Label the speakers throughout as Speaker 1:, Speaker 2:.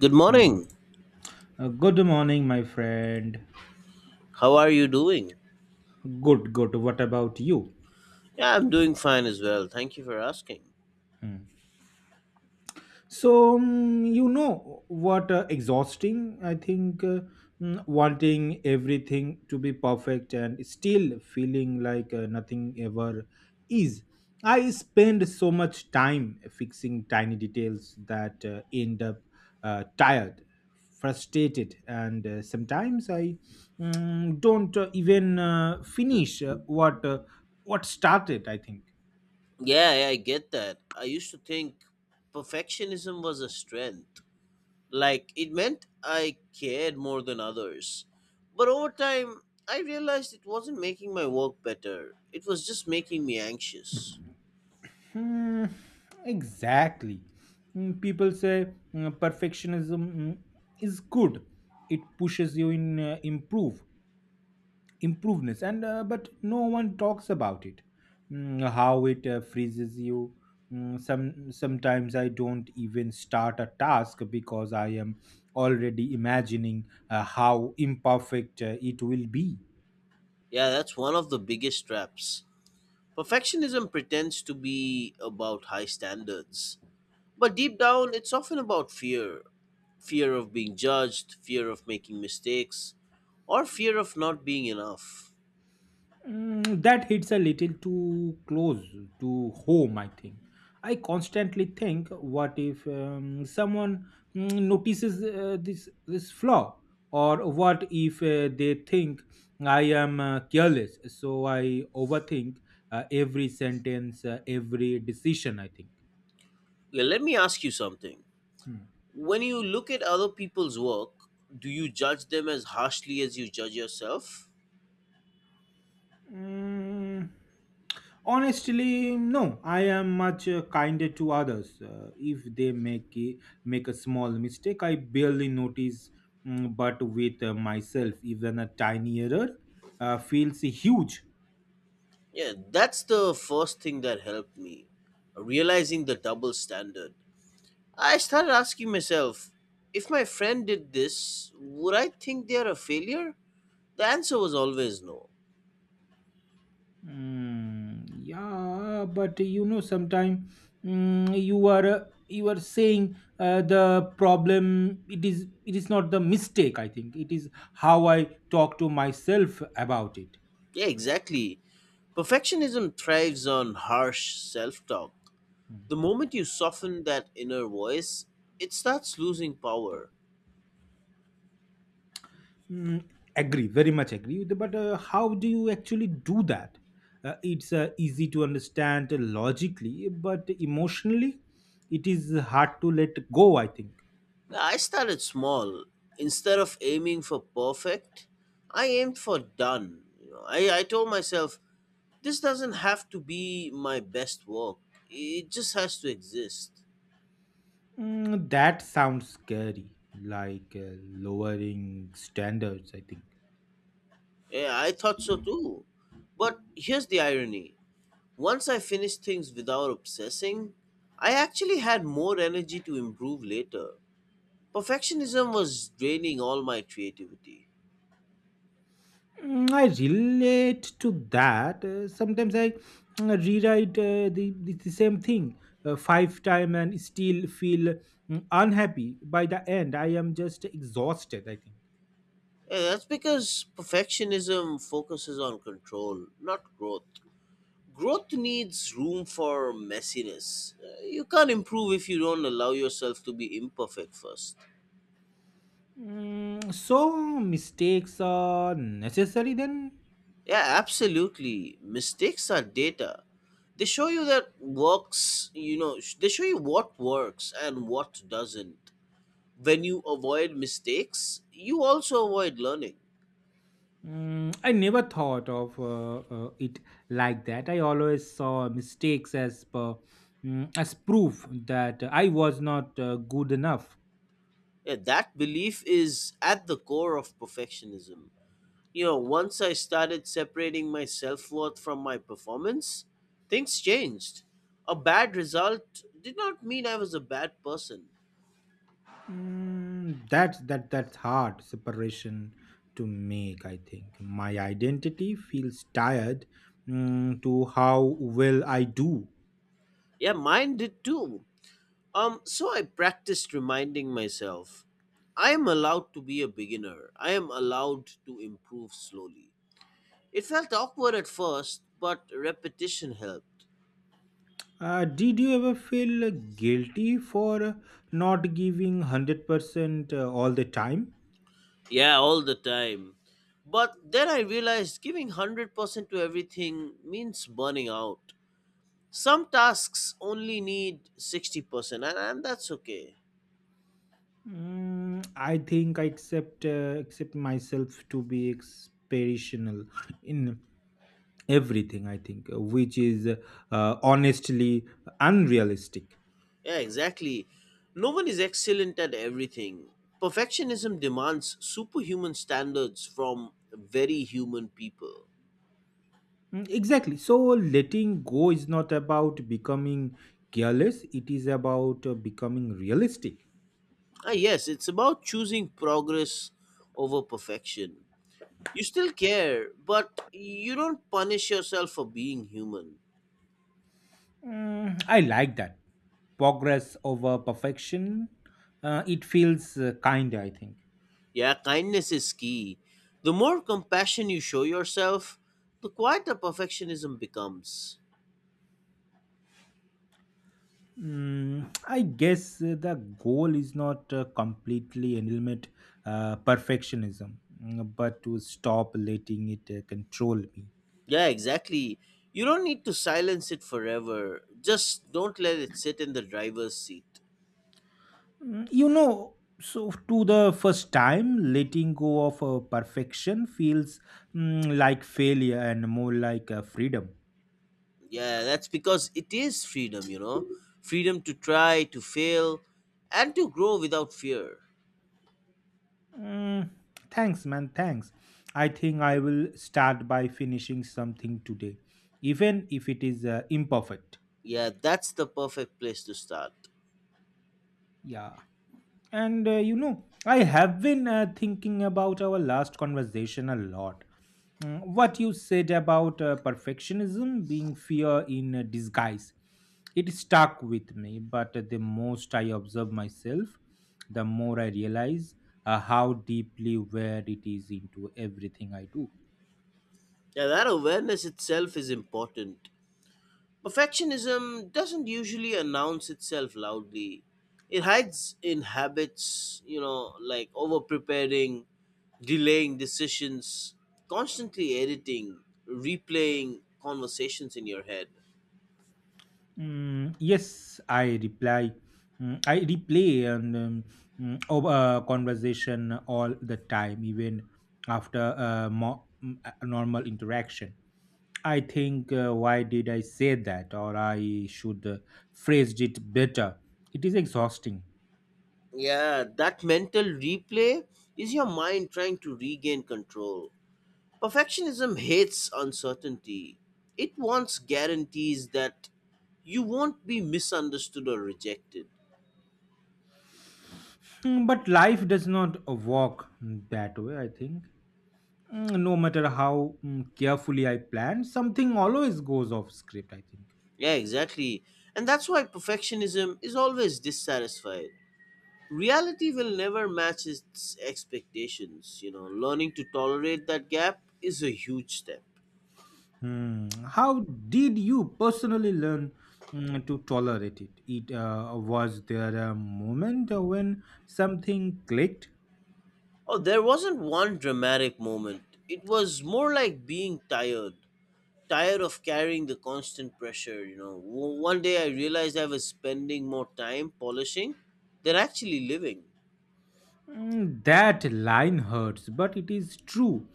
Speaker 1: Good
Speaker 2: Hmm.
Speaker 1: morning.
Speaker 2: Good morning, my friend.
Speaker 1: How are you doing?
Speaker 2: Good, good. What about you?
Speaker 1: Yeah, I'm doing fine as well. Thank you for asking.
Speaker 2: Hmm. So, you know what exhausting? I think wanting everything to be perfect and still feeling like nothing ever is. I spend so much time fixing tiny details that end up tired, frustrated, and sometimes I don't even finish what started, I think.
Speaker 1: Yeah, yeah, I get that. I used to think perfectionism was a strength. Like, it meant I cared more than others. But over time, I realized it wasn't making my work better, it was just making me anxious.
Speaker 2: Hmm, exactly. People say perfectionism is good. It pushes you in improveness, and but no one talks about it. How it freezes you. Sometimes I don't even start a task because I am already imagining how imperfect it will be.
Speaker 1: Yeah, that's one of the biggest traps. Perfectionism pretends to be about high standards, but deep down, it's often about fear of being judged, fear of making mistakes, or fear of not being enough.
Speaker 2: That hits a little too close to home, I think. I constantly think, what if someone notices this flaw, or what if they think I am careless? So I overthink every sentence, every decision, I think.
Speaker 1: Let me ask you something.
Speaker 2: Hmm.
Speaker 1: When you look at other people's work, do you judge them as harshly as you judge yourself?
Speaker 2: Mm, Honestly, no. I am much kinder to others. If they make a small mistake, I barely notice. But with myself, even a tiny error feels huge.
Speaker 1: Yeah, that's the first thing that helped me, realizing the double standard. I started asking myself, if my friend did this, would I think they're a failure? The answer was always no.
Speaker 2: Yeah, but sometimes you are saying the problem. It is not the mistake. I think it is how I talk to myself about it.
Speaker 1: Yeah, exactly. Perfectionism thrives on harsh self talk. The moment you soften that inner voice, it starts losing power.
Speaker 2: Mm, Agree, very much agree. But how do you actually do that? It's easy to understand logically, but emotionally, it is hard to let go, I think.
Speaker 1: I started small. Instead of aiming for perfect, I aimed for done. You know, I told myself, this doesn't have to be my best work, it just has to exist.
Speaker 2: That sounds scary, like lowering standards, I think.
Speaker 1: Yeah, I thought so too. But here's the irony, once I finished things without obsessing, I actually had more energy to improve later. Perfectionism was draining all my creativity.
Speaker 2: I relate to that. Sometimes I rewrite the same thing five times and still feel unhappy. By the end, I am just exhausted, I think.
Speaker 1: Yeah, that's because perfectionism focuses on control, not growth. Growth needs room for messiness. You can't improve if you don't allow yourself to be imperfect first.
Speaker 2: So mistakes are necessary then?
Speaker 1: Yeah, absolutely. Mistakes are data. They show you that works, you know, they show you what works and what doesn't. When you avoid mistakes, you also avoid learning.
Speaker 2: I never thought of it like that. I always saw mistakes as proof that I was not good enough.
Speaker 1: Yeah, that belief is at the core of perfectionism. You know, once I started separating my self worth from my performance, things changed. A bad result did not mean I was a bad person.
Speaker 2: That's hard separation to make. I think my identity feels tired to how well I do.
Speaker 1: Yeah, mine did too. So I practiced reminding myself I am allowed to be a beginner. I am allowed to improve slowly. It felt awkward at first, but repetition helped.
Speaker 2: Did you ever feel guilty for not giving 100% all the time?
Speaker 1: Yeah, all the time. But then I realized giving 100% to everything means burning out. Some tasks only need 60%, and that's okay.
Speaker 2: I think accept myself to be inspirational in everything, I think, which is honestly unrealistic.
Speaker 1: Yeah, exactly. No one is excellent at everything. Perfectionism demands superhuman standards from very human people.
Speaker 2: Exactly. So, letting go is not about becoming careless, it is about becoming realistic.
Speaker 1: Yes, it's about choosing progress over perfection. You still care, but you don't punish yourself for being human.
Speaker 2: I like that. Progress over perfection. It feels kind, I think.
Speaker 1: Yeah, kindness is key. The more compassion you show yourself, the quieter perfectionism becomes.
Speaker 2: I guess the goal is not completely eliminate perfectionism, but to stop letting it control me.
Speaker 1: Yeah, exactly. You don't need to silence it forever. Just don't let it sit in the driver's seat.
Speaker 2: So to the first time, letting go of perfection feels like failure and more like freedom.
Speaker 1: Yeah, that's because it is freedom, you know? Freedom to try, to fail, and to grow without fear.
Speaker 2: Mm, Thanks, man. Thanks. I think I will start by finishing something today, even if it is imperfect.
Speaker 1: Yeah, that's the perfect place to start.
Speaker 2: Yeah. And I have been thinking about our last conversation a lot. What you said about perfectionism being fear in disguise, it stuck with me. But the most I observe myself, the more I realize how deeply where it is into everything I do.
Speaker 1: Yeah, that awareness itself is important. Perfectionism doesn't usually announce itself loudly. It hides in habits, you know, like over preparing, delaying decisions, constantly editing, replaying conversations in your head.
Speaker 2: Yes, I reply. I replay and of a conversation all the time, even after a normal interaction. I think, why did I say that, or I should phrased it better. It is exhausting.
Speaker 1: Yeah, that mental replay is your mind trying to regain control. Perfectionism hates uncertainty. It wants guarantees that you won't be misunderstood or rejected.
Speaker 2: But life does not work that way, I think. No matter how carefully I plan, something always goes off script, I think.
Speaker 1: Yeah, exactly. And that's why perfectionism is always dissatisfied. Reality will never match its expectations. You know, learning to tolerate that gap is a huge step.
Speaker 2: Hmm. How did you personally learn to tolerate it? Was there a moment when something clicked?
Speaker 1: Oh, there wasn't one dramatic moment. It was more like being tired, tired of carrying the constant pressure. You know, one day I realized I was spending more time polishing than actually living.
Speaker 2: That line hurts, but it is true.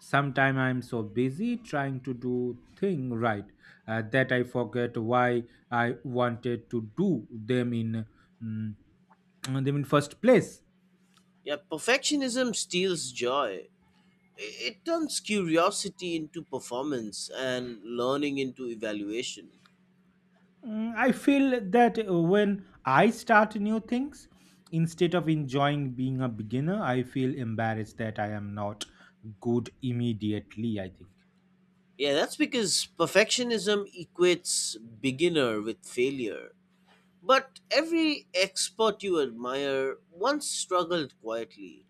Speaker 2: Sometimes I'm so busy trying to do thing right that I forget why I wanted to do mm, them in first place.
Speaker 1: Yeah, perfectionism steals joy. It turns curiosity into performance and learning into evaluation.
Speaker 2: I feel that when I start new things, instead of enjoying being a beginner, I feel embarrassed that I am not good immediately, I think.
Speaker 1: Yeah, that's because perfectionism equates beginner with failure. But every expert you admire once struggled quietly.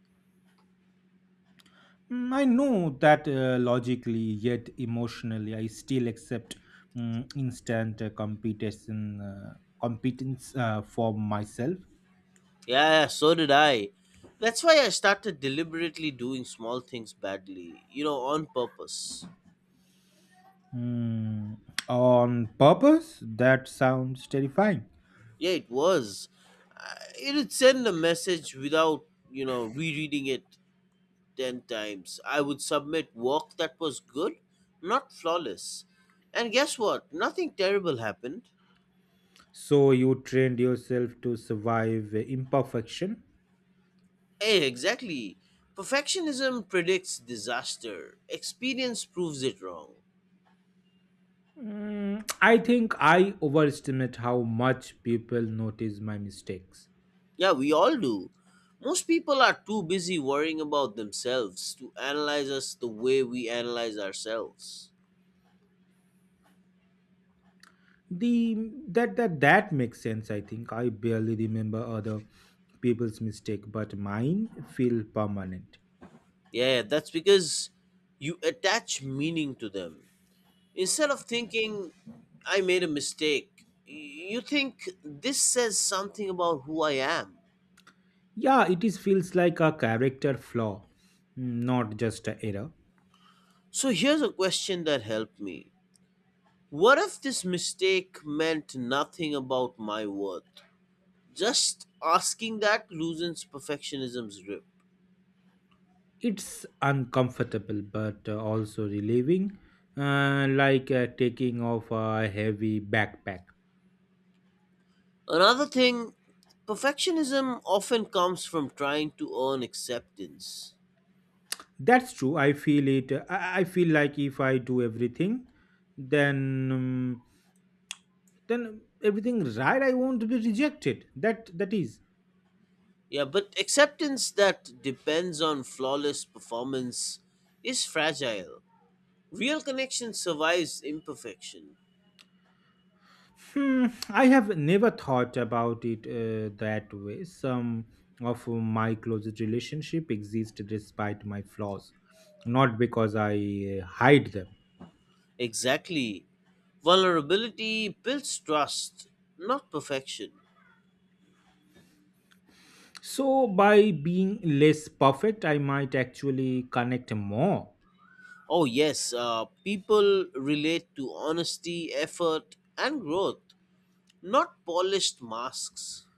Speaker 2: I know that logically, yet emotionally, I still accept instant competition competence for myself.
Speaker 1: Yeah, yeah, so did I. That's why I started deliberately doing small things badly, you know, on purpose.
Speaker 2: Mm, on purpose, that sounds terrifying.
Speaker 1: Yeah, it was. It would send a message without, you know, rereading it 10 times. I would submit work that was good, not flawless. And guess what? Nothing terrible happened.
Speaker 2: So you trained yourself to survive imperfection.
Speaker 1: Hey, exactly. Perfectionism predicts disaster. Experience proves it wrong.
Speaker 2: I think I overestimate how much people notice my mistakes.
Speaker 1: Yeah, we all do. Most people are too busy worrying about themselves to analyze us the way we analyze ourselves.
Speaker 2: The that that That makes sense. I think I barely remember other people's mistake, but mine feel permanent.
Speaker 1: Yeah, that's because you attach meaning to them. Instead of thinking I made a mistake, you think this says something about who I am.
Speaker 2: Yeah, it is feels like a character flaw, not just a error.
Speaker 1: So here's a question that helped me. What if this mistake meant nothing about my worth? Just asking that loosens perfectionism's grip.
Speaker 2: It's uncomfortable, but also relieving, like taking off a heavy backpack.
Speaker 1: Another thing, perfectionism often comes from trying to earn acceptance.
Speaker 2: That's true. I feel it. I feel like if I do everything, then um, then everything right, I won't be rejected. That is.
Speaker 1: Yeah, but acceptance that depends on flawless performance is fragile. Real connection survives imperfection.
Speaker 2: Hmm, I have never thought about it that way. Some of my closest relationship exist despite my flaws, not because I hide them.
Speaker 1: Exactly. Vulnerability builds trust, not perfection.
Speaker 2: So by being less perfect, I might actually connect more.
Speaker 1: Oh, yes, people relate to honesty, effort, and growth, not polished masks.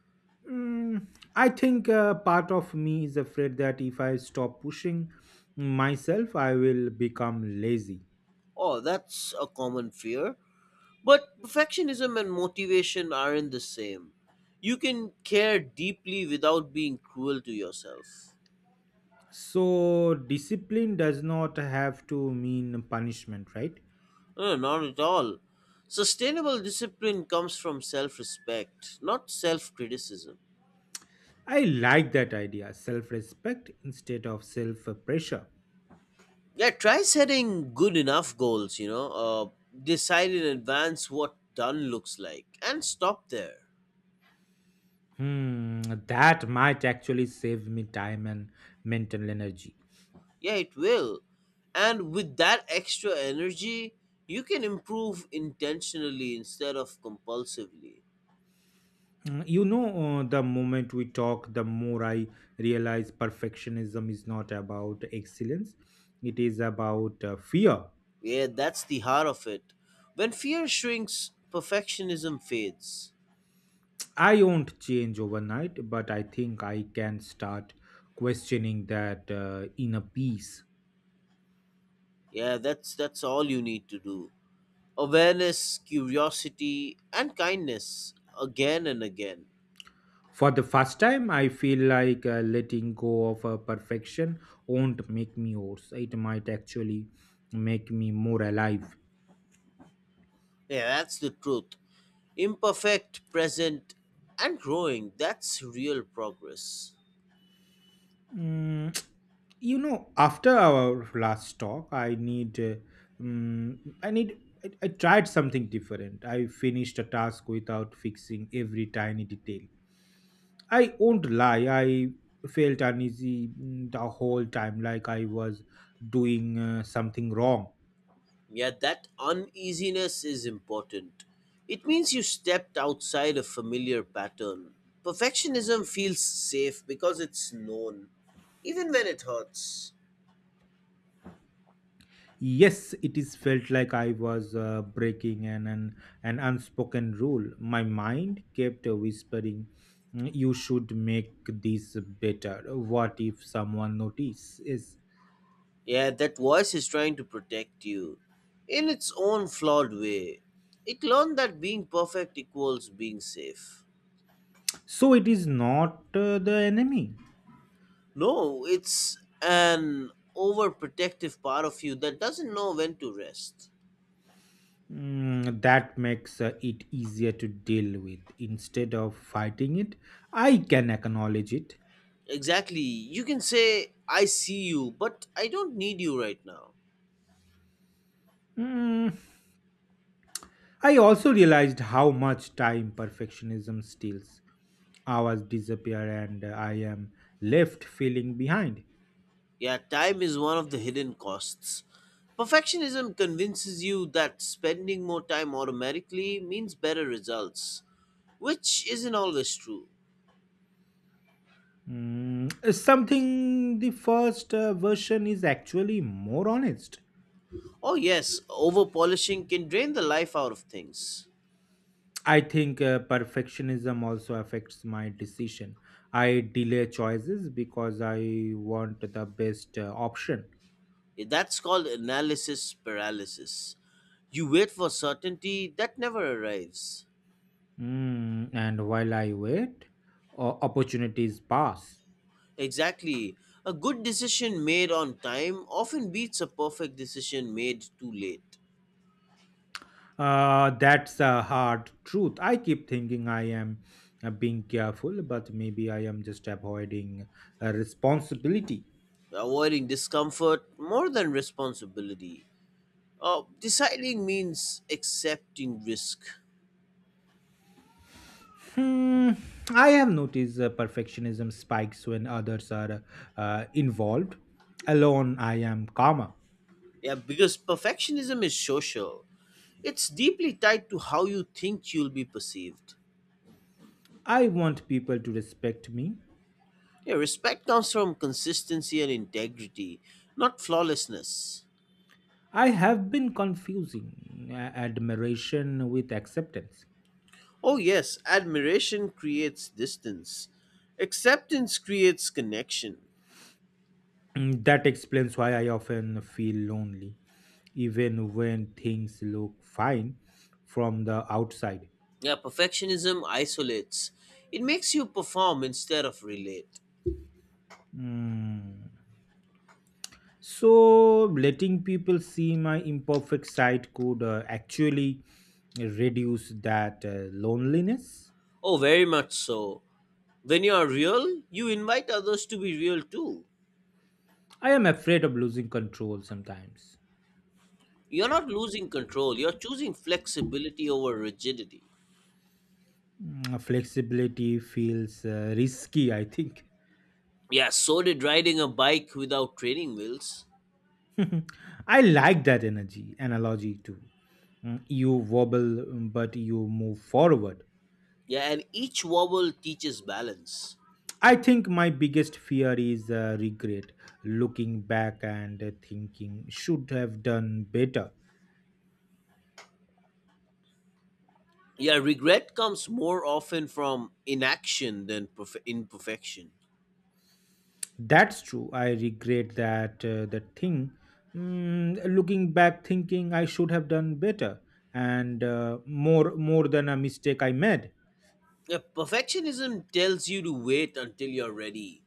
Speaker 2: Mm, I think part of me is afraid that if I stop pushing myself, I will become lazy.
Speaker 1: Oh, that's a common fear. But perfectionism and motivation aren't the same. You can care deeply without being cruel to yourself.
Speaker 2: So, discipline does not have to mean punishment, right?
Speaker 1: No, no, not at all. Sustainable discipline comes from self respect, not self criticism.
Speaker 2: I like that idea self respect instead of self pressure.
Speaker 1: Yeah, try setting good enough goals, you know, decide in advance what done looks like and stop there.
Speaker 2: Hmm, that might actually save me time and mental energy.
Speaker 1: Yeah, it will. And with that extra energy, you can improve intentionally instead of compulsively.
Speaker 2: Mm, You know, the moment we talk, the more I realize perfectionism is not about excellence, it is about fear.
Speaker 1: Yeah, that's the heart of it. When fear shrinks, perfectionism fades.
Speaker 2: I won't change overnight, but I think I can start questioning that inner peace.
Speaker 1: Yeah, that's all you need to do. Awareness, curiosity, and kindness again and again.
Speaker 2: For the first time, I feel like letting go of perfection won't make me worse. It might actually make me more alive.
Speaker 1: Yeah, that's the truth. Imperfect, present, and growing. That's real progress.
Speaker 2: Mm, you know, after our last talk um, i need I tried something different. I finished a task without fixing every tiny detail. I won't lie, I felt uneasy the whole time, like I was doing something wrong.
Speaker 1: Yeah, that uneasiness is important. It means you stepped outside a familiar pattern. Perfectionism feels safe because it's known, even when it hurts.
Speaker 2: Yes, it is felt like I was breaking an unspoken rule. My mind kept whispering, You should make this better." What if someone notices?
Speaker 1: Yeah, that voice is trying to protect you in its own flawed way. It learned that being perfect equals being safe.
Speaker 2: So it is not the enemy.
Speaker 1: No, it's an overprotective part of you that doesn't know when to rest.
Speaker 2: That makes it easier to deal with. Instead of fighting it, I can acknowledge it.
Speaker 1: Exactly. You can say, I see you, but I don't need you right now.
Speaker 2: Mm, I also realized how much time perfectionism steals. Hours disappear and I am left feeling behind.
Speaker 1: Yeah, time is one of the hidden costs. Perfectionism convinces you that spending more time automatically means better results, which isn't always true.
Speaker 2: Something the first version is actually more honest.
Speaker 1: Oh, yes, over polishing can drain the life out of things.
Speaker 2: I think perfectionism also affects my decision. I delay choices because I want the best option.
Speaker 1: That's called analysis paralysis. You wait for certainty that never arrives.
Speaker 2: And while I wait, opportunities pass.
Speaker 1: Exactly. A good decision made on time often beats a perfect decision made too late.
Speaker 2: That's a hard truth. I keep thinking I am being careful, but maybe I am just avoiding responsibility.
Speaker 1: Avoiding discomfort more than responsibility. Deciding means accepting risk.
Speaker 2: Hmm, I have noticed perfectionism spikes when others are involved. Alone, I am calmer.
Speaker 1: Yeah, because perfectionism is social. It's deeply tied to how you think you'll be perceived.
Speaker 2: I want people to respect me.
Speaker 1: Yeah, respect comes from consistency and integrity, not flawlessness.
Speaker 2: I have been confusing admiration with acceptance.
Speaker 1: Oh, yes, admiration creates distance, acceptance creates connection.
Speaker 2: That explains why I often feel lonely, even when things look fine from the outside.
Speaker 1: Yeah, perfectionism isolates, it makes you perform instead of relate.
Speaker 2: Mm. So, letting people see my imperfect side could actually reduce that loneliness.
Speaker 1: Oh, very much so. When you are real, you invite others to be real too.
Speaker 2: I am afraid of losing control sometimes.
Speaker 1: You're not losing control, you're choosing flexibility over rigidity.
Speaker 2: Flexibility feels risky, I think.
Speaker 1: Yeah, so did riding a bike without training wheels.
Speaker 2: I like that energy analogy too. You wobble, but you move forward.
Speaker 1: Yeah, and each wobble teaches balance.
Speaker 2: I think my biggest fear is regret, looking back and thinking should have done better.
Speaker 1: Yeah, regret comes more often from inaction than imperfection.
Speaker 2: That's true. I regret that the thing. Looking back, thinking I should have done better and more than a mistake I made.
Speaker 1: Yeah, perfectionism tells you to wait until you're ready.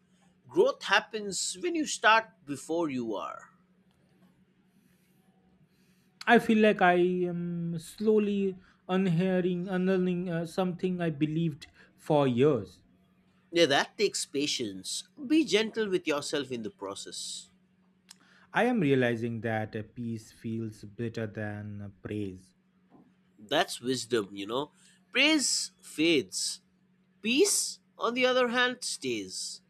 Speaker 1: Growth happens when you start before you are.
Speaker 2: I feel like I am slowly unlearning something I believed for years.
Speaker 1: Yeah, that takes patience. Be gentle with yourself in the process.
Speaker 2: I am realizing that peace feels better than praise.
Speaker 1: That's wisdom, you know. Praise fades, peace, on the other hand, stays.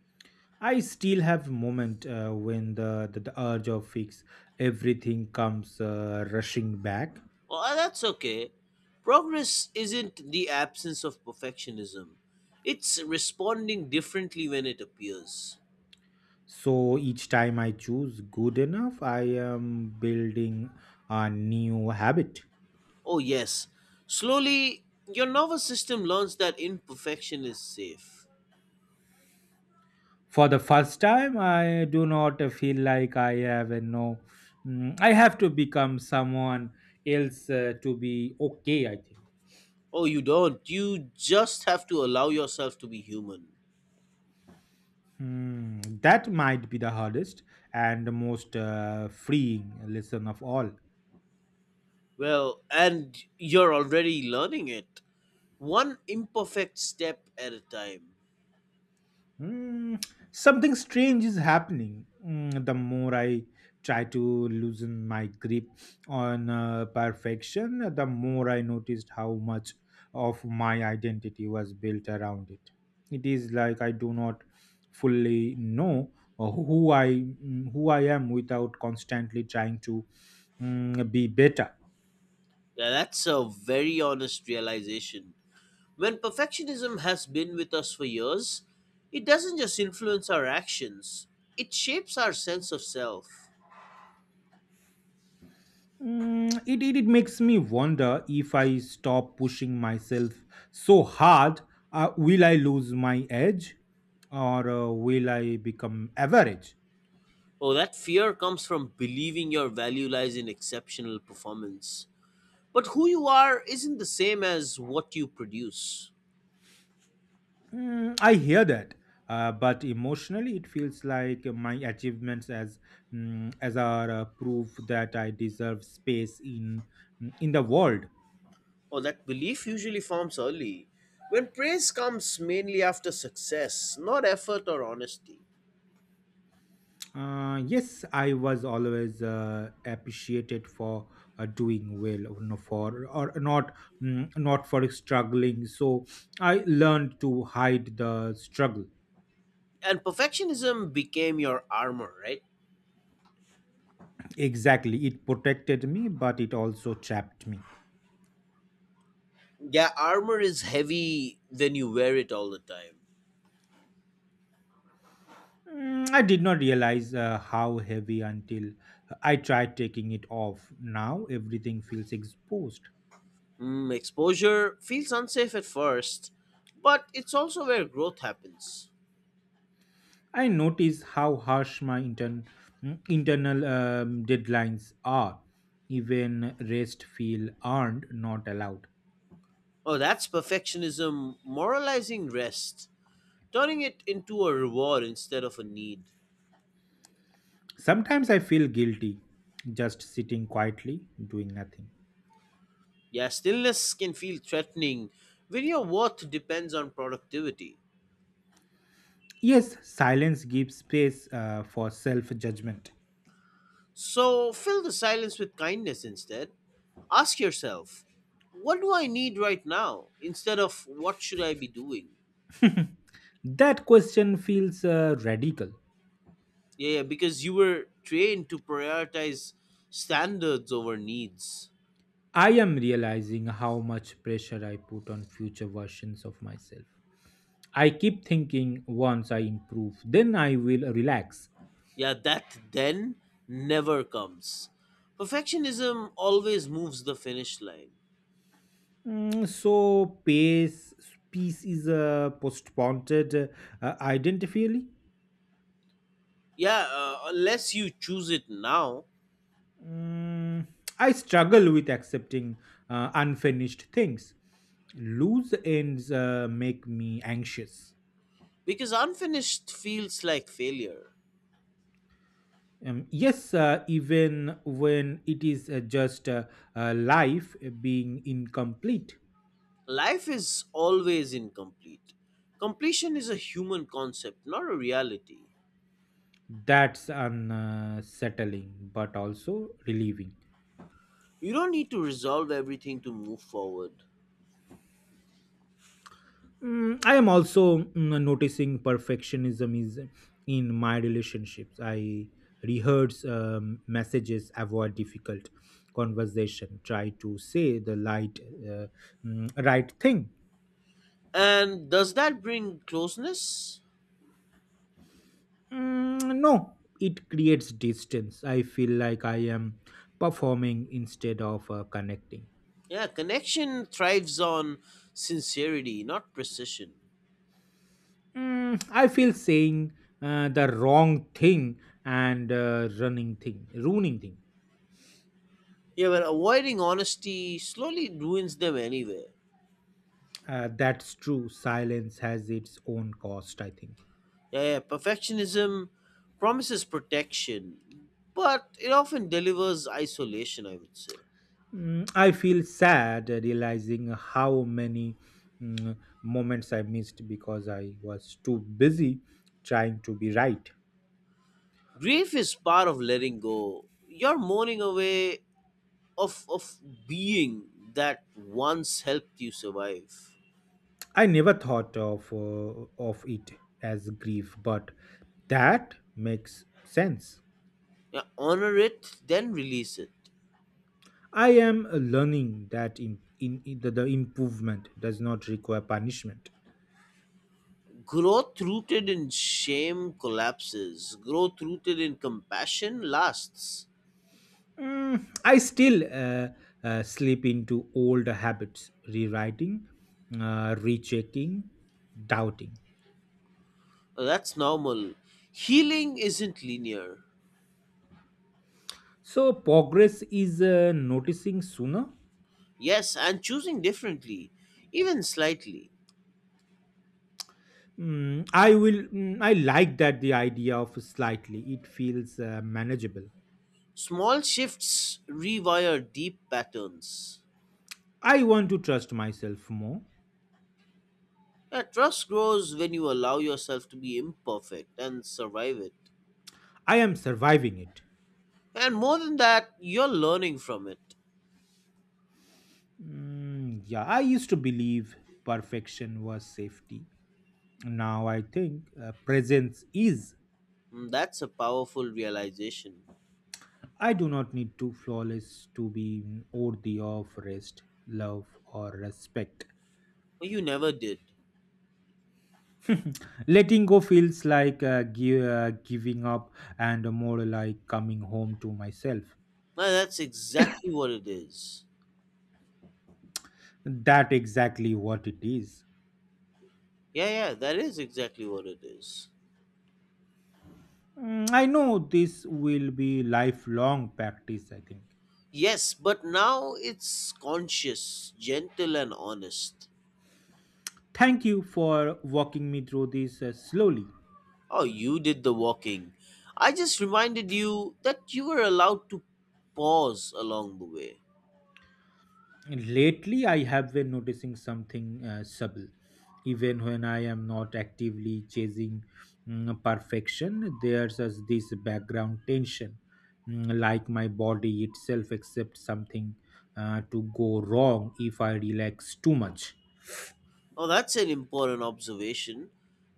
Speaker 2: I still have moment when the urge of fix everything comes rushing back.
Speaker 1: Well, that's okay. Progress isn't the absence of perfectionism, it's responding differently when it appears.
Speaker 2: So each time I choose good enough, I am building a new habit.
Speaker 1: Oh, yes. Slowly, your nervous system learns that imperfection is safe.
Speaker 2: For the first time, I do not feel like I have a no. I have to become someone else to be okay, I think.
Speaker 1: Oh, you don't. You just have to allow yourself to be human.
Speaker 2: Hmm, that might be the hardest and the most freeing lesson of all.
Speaker 1: Well, and you're already learning it. One imperfect step at a time.
Speaker 2: Mm, Something strange is happening. The more I try to loosen my grip on perfection, the more I noticed how much of my identity was built around it. It is like I do not fully know who I am without constantly trying to be better.
Speaker 1: Now, that's a very honest realization. When perfectionism has been with us for years, it doesn't just influence our actions, it shapes our sense of self.
Speaker 2: It makes me wonder if I stop pushing myself so hard, will I lose my edge or will I become average?
Speaker 1: Oh, that fear comes from believing your value lies in exceptional performance. But who you are isn't the same as what you produce.
Speaker 2: I hear that. But emotionally, it feels like my achievements as are proof that I deserve space in the world.
Speaker 1: Oh, that belief usually forms early, when praise comes mainly after success, not effort or honesty.
Speaker 2: Yes, I was always appreciated for doing well, for or not, not for struggling. So I learned to hide the struggle.
Speaker 1: And perfectionism became your armor, right?
Speaker 2: Exactly, it protected me, but it also trapped me.
Speaker 1: Yeah, armor is heavy when you wear it all the time.
Speaker 2: I did not realize how heavy until I tried taking it off. Now everything feels exposed.
Speaker 1: Exposure feels unsafe at first, but it's also where growth happens.
Speaker 2: I notice how harsh my internal deadlines are. Even rest feel earned, not allowed.
Speaker 1: Oh, that's perfectionism moralizing rest, turning it into a reward instead of a need.
Speaker 2: Sometimes I feel guilty just sitting quietly, doing nothing.
Speaker 1: Yeah, stillness can feel threatening when your worth depends on productivity.
Speaker 2: Yes, silence gives space for self judgment.
Speaker 1: So fill the silence with kindness instead. Ask yourself, what do I need right now instead of what should I be doing?
Speaker 2: That question feels radical.
Speaker 1: Yeah, yeah, because you were trained to prioritize standards over needs.
Speaker 2: I am realizing how much pressure I put on future versions of myself. I keep thinking once I improve, then I will relax.
Speaker 1: Yeah, that then never comes. Perfectionism always moves the finish line.
Speaker 2: Mm, so pace peace is a postponed identifiably.
Speaker 1: Yeah, unless you choose it now,
Speaker 2: Mm, I struggle with accepting unfinished things. Loose ends make me anxious.
Speaker 1: because unfinished feels like failure.
Speaker 2: Yes, even when it is just life being incomplete,
Speaker 1: Life is always incomplete. Completion is a human concept, not a reality.
Speaker 2: that's unsettling but also relieving.
Speaker 1: You don't need to resolve everything to move forward.
Speaker 2: I am also noticing perfectionism is in my relationships. I rehearse messages, avoid difficult conversation, try to say the uh, right thing.
Speaker 1: And does that bring closeness?
Speaker 2: Mm, no, it creates distance. I feel like I am performing instead of connecting.
Speaker 1: Yeah, connection thrives on sincerity, not precision.
Speaker 2: I feel saying the wrong thing and ruining thing.
Speaker 1: Yeah, but avoiding honesty slowly ruins them anyway.
Speaker 2: That's true. Silence has its own cost, I think.
Speaker 1: Yeah, yeah, perfectionism promises protection, but it often delivers isolation, I would say.
Speaker 2: I feel sad realizing how many mm, moments I missed because I was too busy trying to be right.
Speaker 1: Grief is part of letting go. You're mourning away of being that once helped you survive.
Speaker 2: I never thought of it as grief, but that makes sense.
Speaker 1: Yeah, honor it, then release it.
Speaker 2: I am learning that the improvement does not require punishment.
Speaker 1: Growth rooted in shame collapses. Growth rooted in compassion lasts.
Speaker 2: I still slip into old habits, rewriting, rechecking, doubting.
Speaker 1: That's normal. Healing isn't linear.
Speaker 2: So progress is noticing sooner.
Speaker 1: Yes, and choosing differently, even slightly.
Speaker 2: Mm, I will. I like that the idea of slightly. It feels manageable.
Speaker 1: Small shifts rewire deep patterns.
Speaker 2: I want to trust myself more.
Speaker 1: Yeah, trust grows when you allow yourself to be imperfect and survive it.
Speaker 2: I am surviving it.
Speaker 1: And more than that, you're learning from it.
Speaker 2: Mm, yeah, I used to believe perfection was safety. Now I think presence is.
Speaker 1: That's a powerful realization.
Speaker 2: I do not need to flawless to be worthy of rest, love, or respect.
Speaker 1: You never did.
Speaker 2: Letting go feels like giving up and more like coming home to myself.
Speaker 1: No, that's exactly what it is.
Speaker 2: That exactly what it is.
Speaker 1: Yeah, yeah, that is exactly what it is.
Speaker 2: Mm, I know this will be lifelong practice, I think.
Speaker 1: Yes, but now it's conscious, gentle, and honest.
Speaker 2: Thank you for walking me through this slowly.
Speaker 1: Oh, you did the walking. I just reminded you that you were allowed to pause along the way.
Speaker 2: Lately I have been noticing something subtle, even when I am not actively chasing perfection, there's as this background tension. Mm, like my body itself accepts something to go wrong if I relax too much.
Speaker 1: Oh, that's an important observation.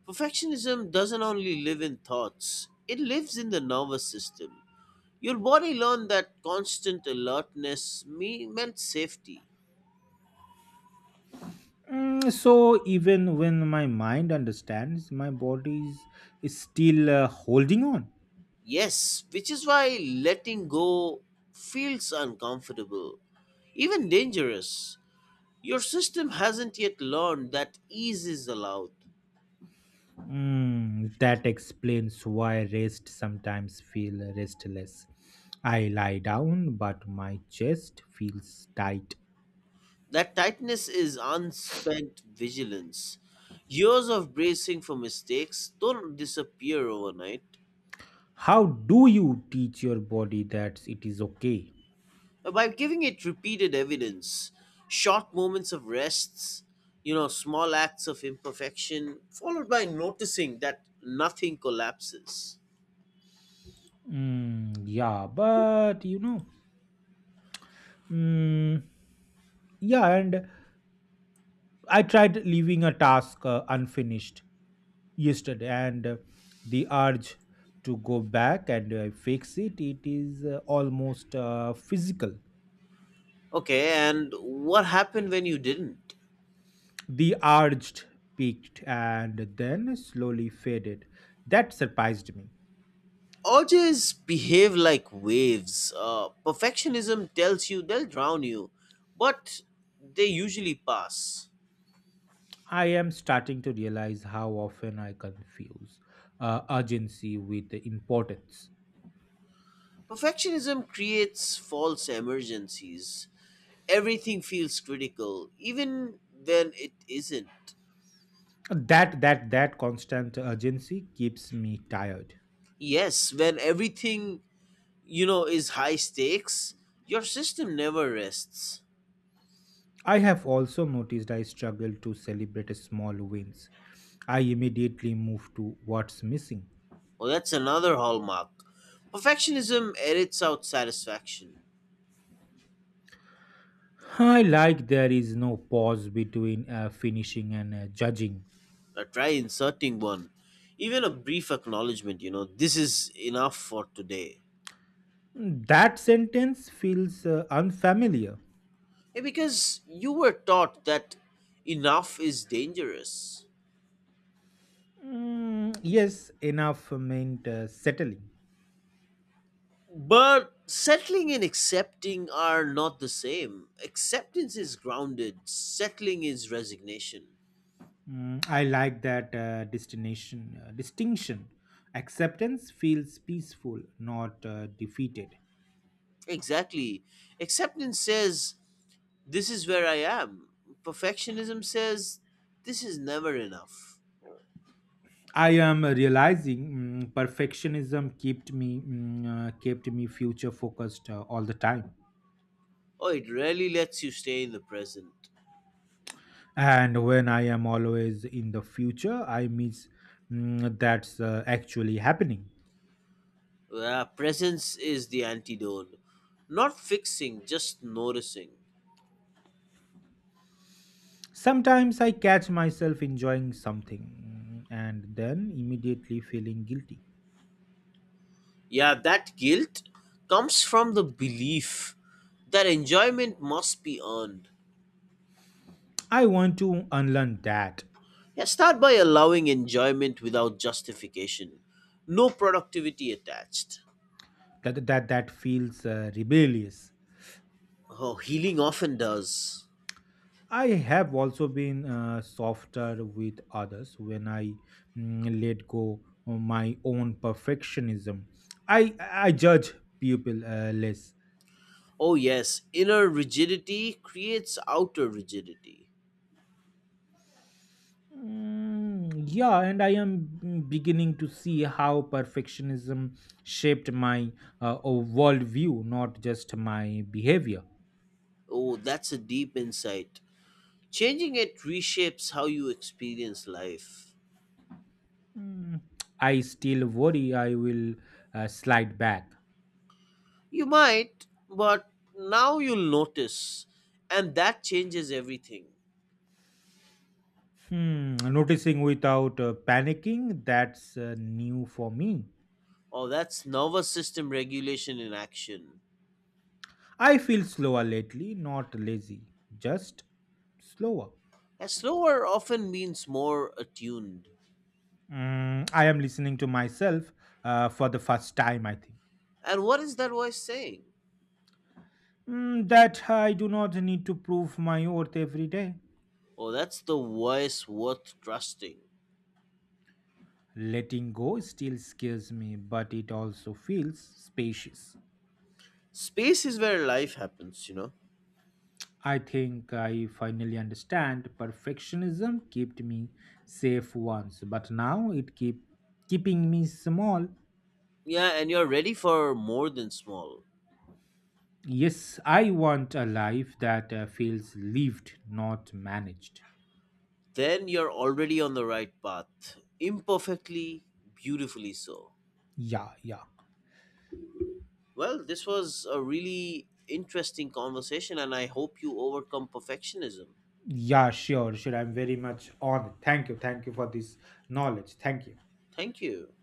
Speaker 1: Perfectionism doesn't only live in thoughts, it lives in the nervous system. Your body learned that constant alertness meant safety.
Speaker 2: So even when my mind understands, my body is still holding on.
Speaker 1: Yes, which is why letting go feels uncomfortable, even dangerous. Your system hasn't yet learned that ease is allowed.
Speaker 2: Mm, that explains why rest sometimes feel restless. I lie down, but my chest feels tight.
Speaker 1: That tightness is unspent vigilance. Years of bracing for mistakes don't disappear overnight.
Speaker 2: How do you teach your body that it is okay?
Speaker 1: By giving it repeated evidence, short moments of rests, you know, small acts of imperfection, followed by noticing that nothing collapses.
Speaker 2: Mm, yeah, but you know, mm, yeah, and I tried leaving a task unfinished yesterday, and the urge to go back and fix it is almost physical.
Speaker 1: Okay, and what happened when you didn't?
Speaker 2: The urged peaked and then slowly faded. That surprised me.
Speaker 1: Urges behave like waves. Perfectionism tells you they'll drown you, but they usually pass.
Speaker 2: I am starting to realize how often I confuse urgency with the importance.
Speaker 1: Perfectionism creates false emergencies. Everything feels critical, even when it isn't.
Speaker 2: That constant urgency keeps me tired.
Speaker 1: Yes, when everything, you know, is high stakes, your system never rests.
Speaker 2: I have also noticed I struggle to celebrate small wins. I immediately move to what's missing.
Speaker 1: Well, that's another hallmark. Perfectionism edits out satisfaction.
Speaker 2: I like there is no pause between finishing and judging.
Speaker 1: Try inserting one, even a brief acknowledgement, you know, this is enough for today.
Speaker 2: Mm, that sentence feels unfamiliar.
Speaker 1: Because you were taught that enough is dangerous.
Speaker 2: Mm, yes, enough meant settling.
Speaker 1: But settling and accepting are not the same. Acceptance is grounded. Settling is resignation.
Speaker 2: I like that destination distinction. Acceptance feels peaceful, not defeated.
Speaker 1: Exactly. Acceptance says this is where I am. Perfectionism says this is never enough.
Speaker 2: I am realizing perfectionism kept me future focused all the time.
Speaker 1: Oh, it really lets you stay in the present.
Speaker 2: And when I am always in the future, I miss that's actually happening.
Speaker 1: Presence is the antidote. Not fixing, just noticing.
Speaker 2: Sometimes I catch myself enjoying something and then immediately feeling guilty.
Speaker 1: Yeah, that guilt comes from the belief that enjoyment must be earned.
Speaker 2: I want to unlearn that.
Speaker 1: Yeah, start by allowing enjoyment without justification. No productivity attached.
Speaker 2: That feels rebellious.
Speaker 1: Oh, healing often does.
Speaker 2: I have also been softer with others when I let go of my own perfectionism. I judge people less.
Speaker 1: Oh, yes, inner rigidity creates outer rigidity.
Speaker 2: Yeah, and I am beginning to see how perfectionism shaped my worldview, not just my behavior.
Speaker 1: Oh, that's a deep insight. Changing it reshapes how you experience life.
Speaker 2: Mm, I still worry I will slide back.
Speaker 1: You might, but now you'll notice. And that changes everything.
Speaker 2: Hmm, noticing without panicking, that's new for me.
Speaker 1: Oh, that's nervous system regulation in action.
Speaker 2: I feel slower lately, not lazy, just slower.
Speaker 1: A slower often means more attuned.
Speaker 2: I am listening to myself for the first time, I think.
Speaker 1: And what is that voice saying?
Speaker 2: Mm, that I do not need to prove my worth every day.
Speaker 1: Oh, that's the voice worth trusting.
Speaker 2: Letting go still scares me, but it also feels spacious.
Speaker 1: Space is where life happens, you know?
Speaker 2: I think I finally understand perfectionism kept me safe once, but now it keeping me small.
Speaker 1: Yeah, and you're ready for more than small.
Speaker 2: Yes, I want a life that feels lived, not managed.
Speaker 1: Then you're already on the right path. Imperfectly, beautifully so.
Speaker 2: Yeah, yeah.
Speaker 1: Well, this was a really interesting conversation, and I hope you overcome perfectionism.
Speaker 2: Yeah, sure, sure. I'm very much on it. Thank you. Thank you for this knowledge. Thank you.
Speaker 1: Thank you.